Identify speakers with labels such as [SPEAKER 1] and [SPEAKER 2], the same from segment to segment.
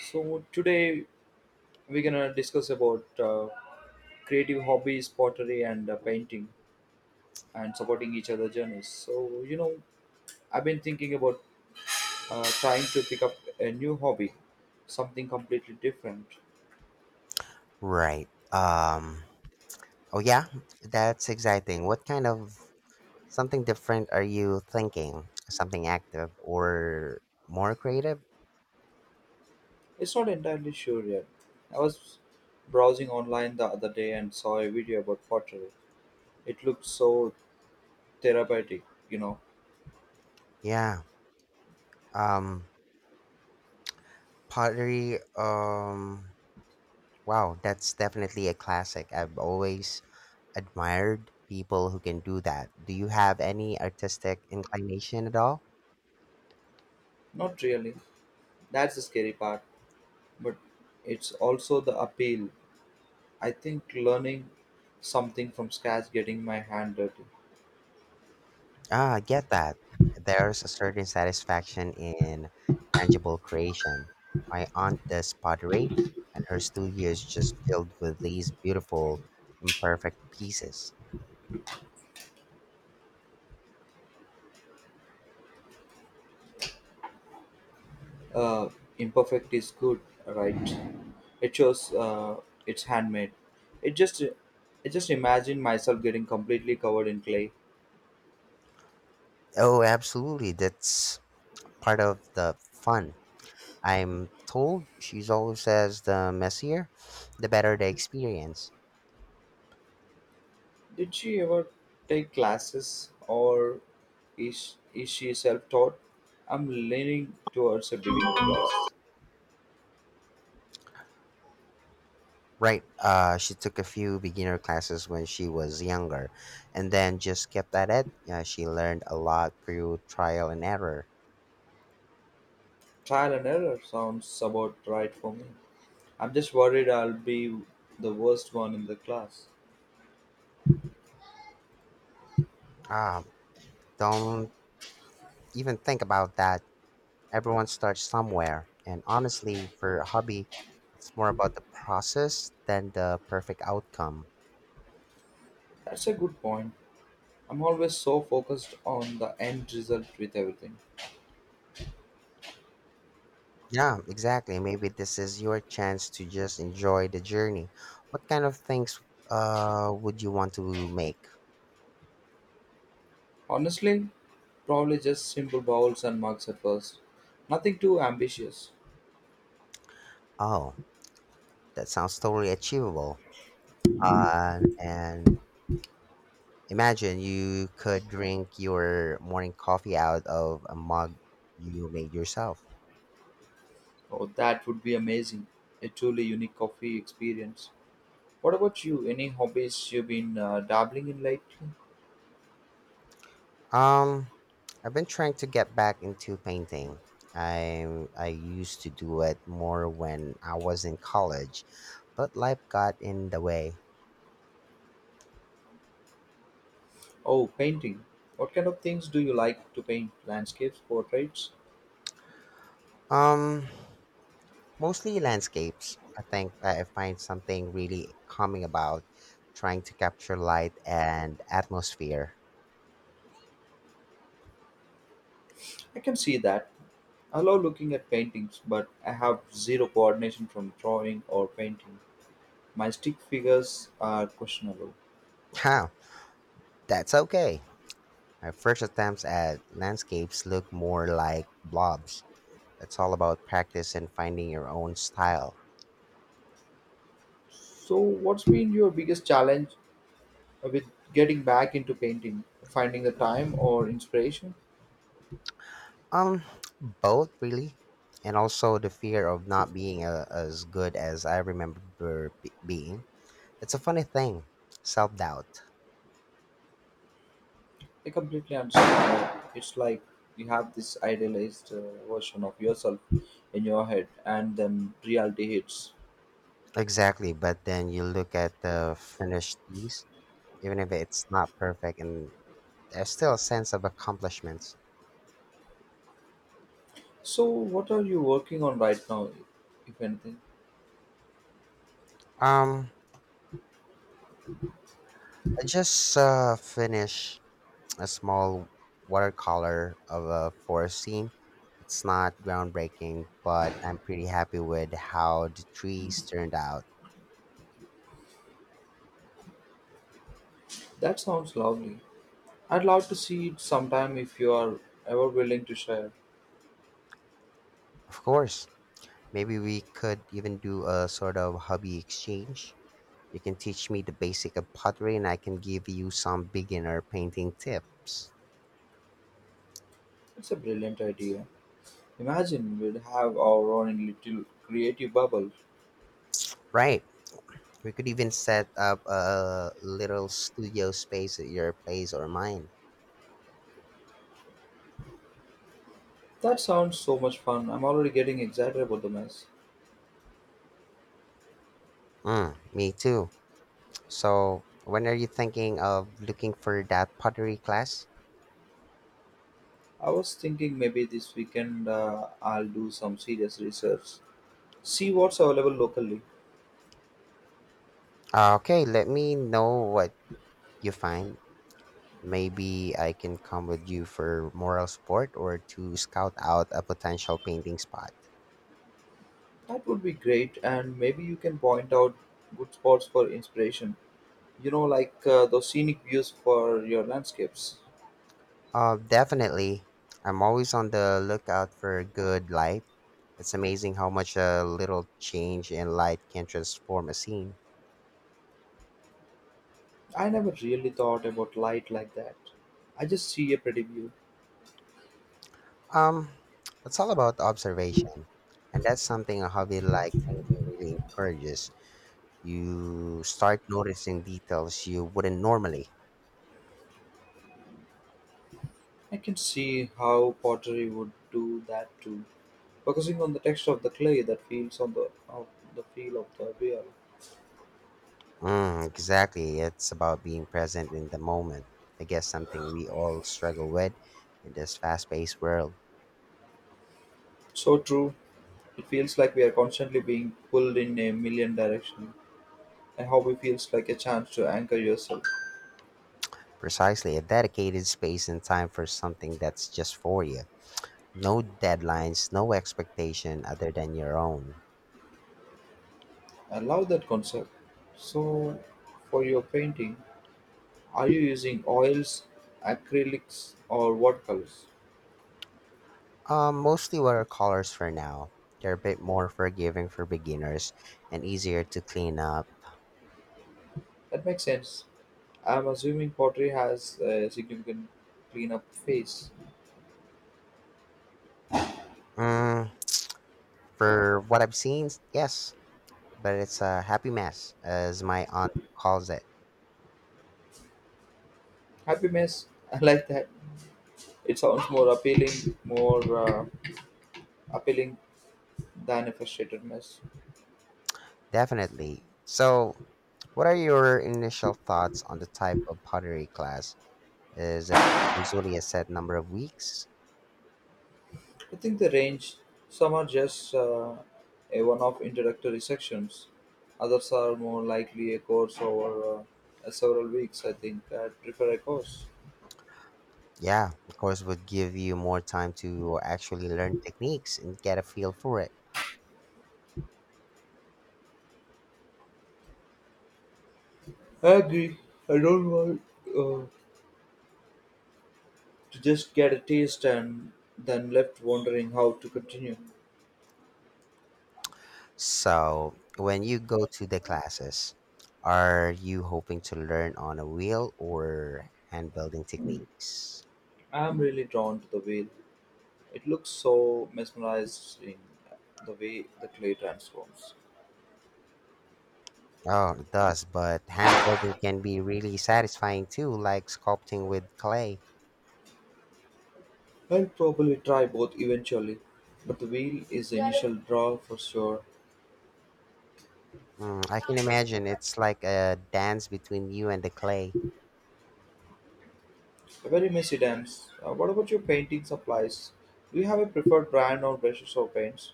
[SPEAKER 1] So today we're gonna discuss about creative hobbies, pottery, and painting, and supporting each other journeys. I've been thinking about trying to pick up a new hobby, something completely different.
[SPEAKER 2] Right. Oh yeah, that's exciting. What kind of something different are you thinking? Something active or more creative?
[SPEAKER 1] It's not entirely sure yet. I was browsing online the other day and saw a video about pottery. It looked so therapeutic, you know.
[SPEAKER 2] Yeah. Um. Pottery. Wow, that's definitely a classic. I've always admired people who can do that. Do you have any artistic inclination at all?
[SPEAKER 1] Not really. That's the scary part, but it's also the appeal. I think learning something from scratch, getting my hand dirty,
[SPEAKER 2] Ah, I get that. There's a certain satisfaction in tangible creation. My aunt does pottery, and her studio is just filled with these beautiful, imperfect pieces.
[SPEAKER 1] uh, imperfect is good, right? It shows it's handmade. It just imagine myself getting completely covered in clay.
[SPEAKER 2] Oh, absolutely. That's part of the fun. I'm told she's always says the messier, the better the experience.
[SPEAKER 1] Did she ever take classes, or is she self-taught? I'm leaning towards a beginner class.
[SPEAKER 2] Right. She took a few beginner classes when she was younger, and then just kept at it. She learned a lot through trial and error.
[SPEAKER 1] Trial and error sounds about right for me. I'm just worried I'll be the worst one in the class.
[SPEAKER 2] Ah, don't even think about that. Everyone starts somewhere. And honestly, for a hobby, it's more about the process than the perfect outcome.
[SPEAKER 1] That's a good point. I'm always so focused on the end result with everything.
[SPEAKER 2] Yeah, exactly. Maybe this is your chance to just enjoy the journey. What kind of things would you want to make?
[SPEAKER 1] Honestly, probably just simple bowls and mugs at first. Nothing too ambitious.
[SPEAKER 2] Oh, that sounds totally achievable. And imagine you could drink your morning coffee out of a mug you made yourself.
[SPEAKER 1] Oh, that would be amazing. A truly unique coffee experience. What about you? Any hobbies you've been dabbling in lately?
[SPEAKER 2] Um, I've been trying to get back into painting. I used to do it more when I was in college, but life got in the way.
[SPEAKER 1] Oh, painting. What kind of things do you like to paint? Landscapes, portraits?
[SPEAKER 2] Um, Mostly landscapes. I think I find something really calming about trying to capture light and atmosphere.
[SPEAKER 1] I can see that. I love looking at paintings, but I have zero coordination from drawing or painting. My stick figures are questionable.
[SPEAKER 2] Huh, that's okay. My first attempts at landscapes look more like blobs. It's all about practice and finding your own style.
[SPEAKER 1] So, what's been your biggest challenge with getting back into painting? Finding the time or inspiration?
[SPEAKER 2] Um, Both really, and also the fear of not being a, as good as I remember being. It's a funny thing, self doubt.
[SPEAKER 1] I completely understand. That. It's like you have this idealized version of yourself in your head, and then reality hits.
[SPEAKER 2] Exactly, but then you look at the finished piece, even if it's not perfect, and there's still a sense of accomplishments.
[SPEAKER 1] So, what are you working on right now, if anything?
[SPEAKER 2] Um, I just finished a small watercolor of a forest scene. It's not groundbreaking, but I'm pretty happy with how the trees turned out.
[SPEAKER 1] That sounds lovely. I'd love to see it sometime if you are ever willing to share.
[SPEAKER 2] Of course. Maybe we could even do a sort of hobby exchange. You can teach me the basic of pottery and I can give you some beginner painting tips.
[SPEAKER 1] It's a brilliant idea. Imagine we'd have our own little creative bubble.
[SPEAKER 2] Right. We could even set up a little studio space at your place or mine.
[SPEAKER 1] That sounds so much fun. I'm already getting excited about the mess.
[SPEAKER 2] Mm, me too. So, when are you thinking of looking for that pottery class?
[SPEAKER 1] I was thinking maybe this weekend I'll do some serious research, see what's available locally.
[SPEAKER 2] Okay, let me know what you find. Maybe I can come with you for moral support or to scout out a potential painting spot.
[SPEAKER 1] That would be great, and maybe you can point out good spots for inspiration. Those scenic views for your landscapes.
[SPEAKER 2] Definitely. I'm always on the lookout for good light. It's amazing how much a little change in light can transform a scene.
[SPEAKER 1] I never really thought about light like that. I just see a pretty view.
[SPEAKER 2] Um, it's all about observation, and that's something a hobby like painting really encourages. You start noticing details you wouldn't normally.
[SPEAKER 1] I can see how pottery would do that too, focusing on the texture of the clay that feels on the of the feel of the wheel.
[SPEAKER 2] Mm, exactly. It's about being present in the moment. I guess something we all struggle with in this fast-paced world.
[SPEAKER 1] So true. It feels like we are constantly being pulled in a million directions. And hobby feels like a chance to anchor yourself.
[SPEAKER 2] Precisely, a dedicated space and time for something that's just for you. No deadlines, no expectation other than your own.
[SPEAKER 1] I love that concept. So, for your painting, are you using oils, acrylics, or watercolors?
[SPEAKER 2] Mostly watercolors for now. They're a bit more forgiving for beginners and easier to clean up.
[SPEAKER 1] That makes sense. I'm assuming pottery has a significant cleanup phase.
[SPEAKER 2] Mm, for what I've seen, yes, but it's a happy mess, as my aunt calls it.
[SPEAKER 1] Happy mess. I like that. It sounds more uh, appealing than a frustrated mess.
[SPEAKER 2] Definitely. So, what are your initial thoughts on the type of pottery class? Is it usually a set number of weeks?
[SPEAKER 1] I think the range. Some are just a one-off introductory sections. Others are more likely a course over several weeks. I think I'd prefer a course.
[SPEAKER 2] Yeah, the course would give you more time to actually learn techniques and get a feel for it.
[SPEAKER 1] I agree. I don't want uh, to just get a taste and then left wondering how to continue.
[SPEAKER 2] So, when you go to the classes, are you hoping to learn on a wheel or hand building techniques?
[SPEAKER 1] I'm really drawn to the wheel. It looks so mesmerized in the way the clay transforms.
[SPEAKER 2] Oh, it does, but hand building can be really satisfying too, like sculpting with clay.
[SPEAKER 1] I'll probably try both eventually, but the wheel is the initial draw for sure.
[SPEAKER 2] Mm, I can imagine it's like a dance between you and the clay.
[SPEAKER 1] Very messy dams. What about your painting supplies? Do you have a preferred brand or brushes or paints?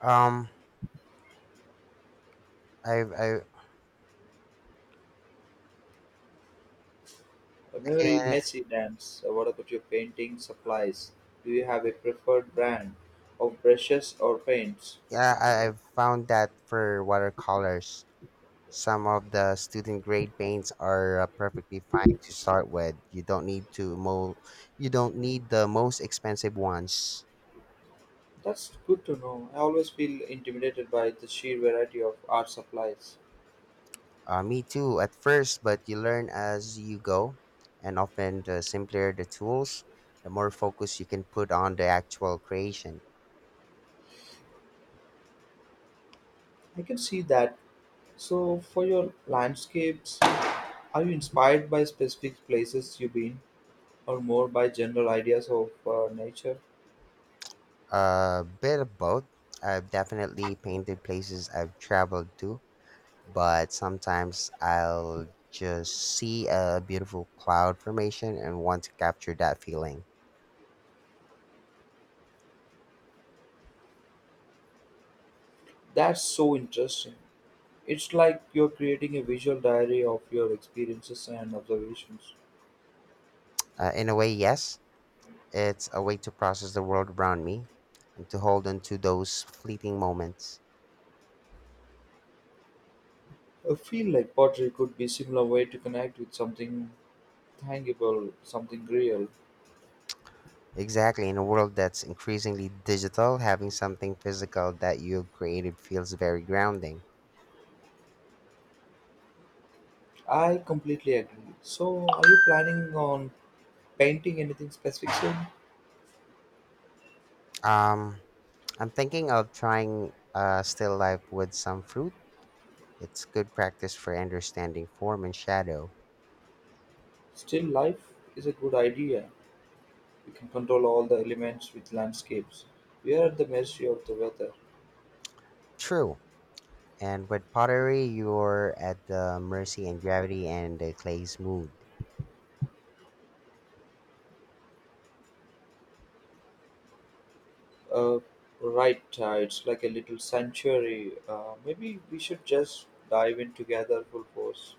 [SPEAKER 2] Um, I've, I
[SPEAKER 1] Very
[SPEAKER 2] can,
[SPEAKER 1] messy dams. What about your painting supplies? Do you have a preferred brand of brushes or paints?
[SPEAKER 2] yeah, I've found that for watercolors. Some of the student grade paints are perfectly fine to start with. You don't need the most expensive ones.
[SPEAKER 1] That's good to know. I always feel intimidated by the sheer variety of art supplies.
[SPEAKER 2] Me too at first, but you learn as you go, and often the simpler the tools, the more focus you can put on the actual creation.
[SPEAKER 1] I can see that. So, for your landscapes, are you inspired by specific places you've been, or more by general ideas of nature?
[SPEAKER 2] A bit of both. I've definitely painted places I've traveled to, but sometimes I'll just see a beautiful cloud formation and want to capture that feeling.
[SPEAKER 1] That's so interesting. It's like you're creating a visual diary of your experiences and observations.
[SPEAKER 2] In a way, yes, it's a way to process the world around me and to hold on to those fleeting moments.
[SPEAKER 1] I feel like pottery could be similar way to connect with something tangible, something real.
[SPEAKER 2] Exactly, in a world that's increasingly digital, having something physical that you've created feels very grounding.
[SPEAKER 1] I completely agree. So, are you planning on painting anything specific soon?
[SPEAKER 2] Um, I'm thinking of trying still life with some fruit. It's good practice for understanding form and shadow.
[SPEAKER 1] Still life is a good idea. We can control all the elements with landscapes. We are at the mercy of the weather.
[SPEAKER 2] True. And with pottery, you're at the mercy and gravity and the clay's mood.
[SPEAKER 1] Uh, right, it's like a little sanctuary. Maybe we should just dive in together full force.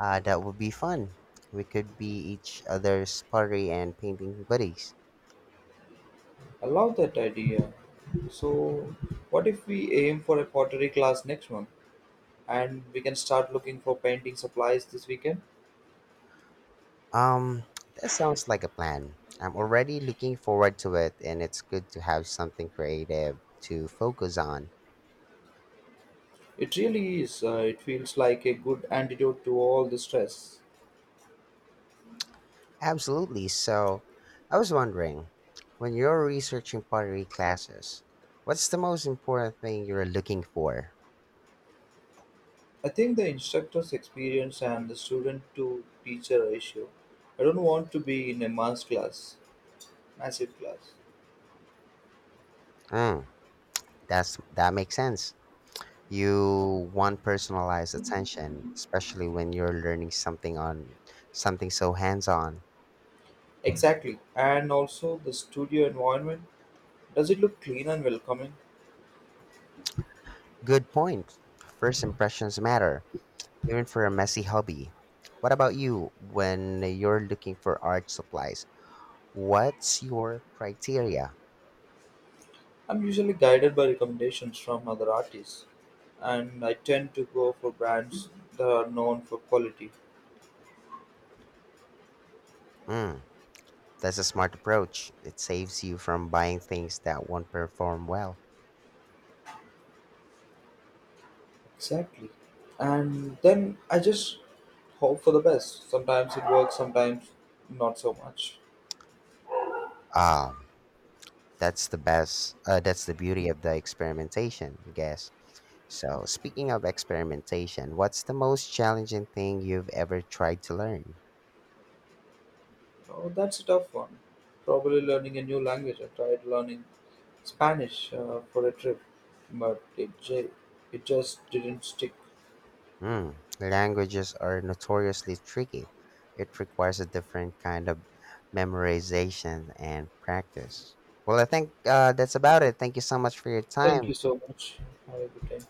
[SPEAKER 2] That would be fun. We could be each other's pottery and painting buddies.
[SPEAKER 1] I love that idea. So, what if we aim for a pottery class next month and we can start looking for painting supplies this weekend?
[SPEAKER 2] Um, that sounds like a plan. I'm already looking forward to it, and it's good to have something creative to focus on.
[SPEAKER 1] It really is. It feels like a good antidote to all the stress.
[SPEAKER 2] Absolutely. So, I was wondering, when you're researching pottery classes, what's the most important thing you're looking for?
[SPEAKER 1] I think the instructor's experience and the student to teacher ratio. I don't want to be in a mass class, massive class.
[SPEAKER 2] Mm, that makes sense. You want personalized attention, especially when you're learning something on something so hands-on.
[SPEAKER 1] Exactly. And also the studio environment. Does it look clean and welcoming?
[SPEAKER 2] Good point. First impressions matter, even for a messy hobby. What about you when you're looking for art supplies? What's your criteria?
[SPEAKER 1] I'm usually guided by recommendations from other artists, and I tend to go for brands that are known for quality.
[SPEAKER 2] Mm, that's a smart approach. It saves you from buying things that won't perform well.
[SPEAKER 1] Exactly. And then I just hope for the best. Sometimes it works, sometimes not so much.
[SPEAKER 2] Ah, that's the best. That's the beauty of the experimentation, I guess. So, speaking of experimentation, what's the most challenging thing you've ever tried to learn?
[SPEAKER 1] Oh, that's a tough one. Probably learning a new language. I tried learning Spanish for a trip, but it just didn't stick.
[SPEAKER 2] Hmm, languages are notoriously tricky. It requires a different kind of memorization and practice. Well, I think that's about it. Thank you so much for your
[SPEAKER 1] Thank
[SPEAKER 2] time.
[SPEAKER 1] you so much. Have a good day.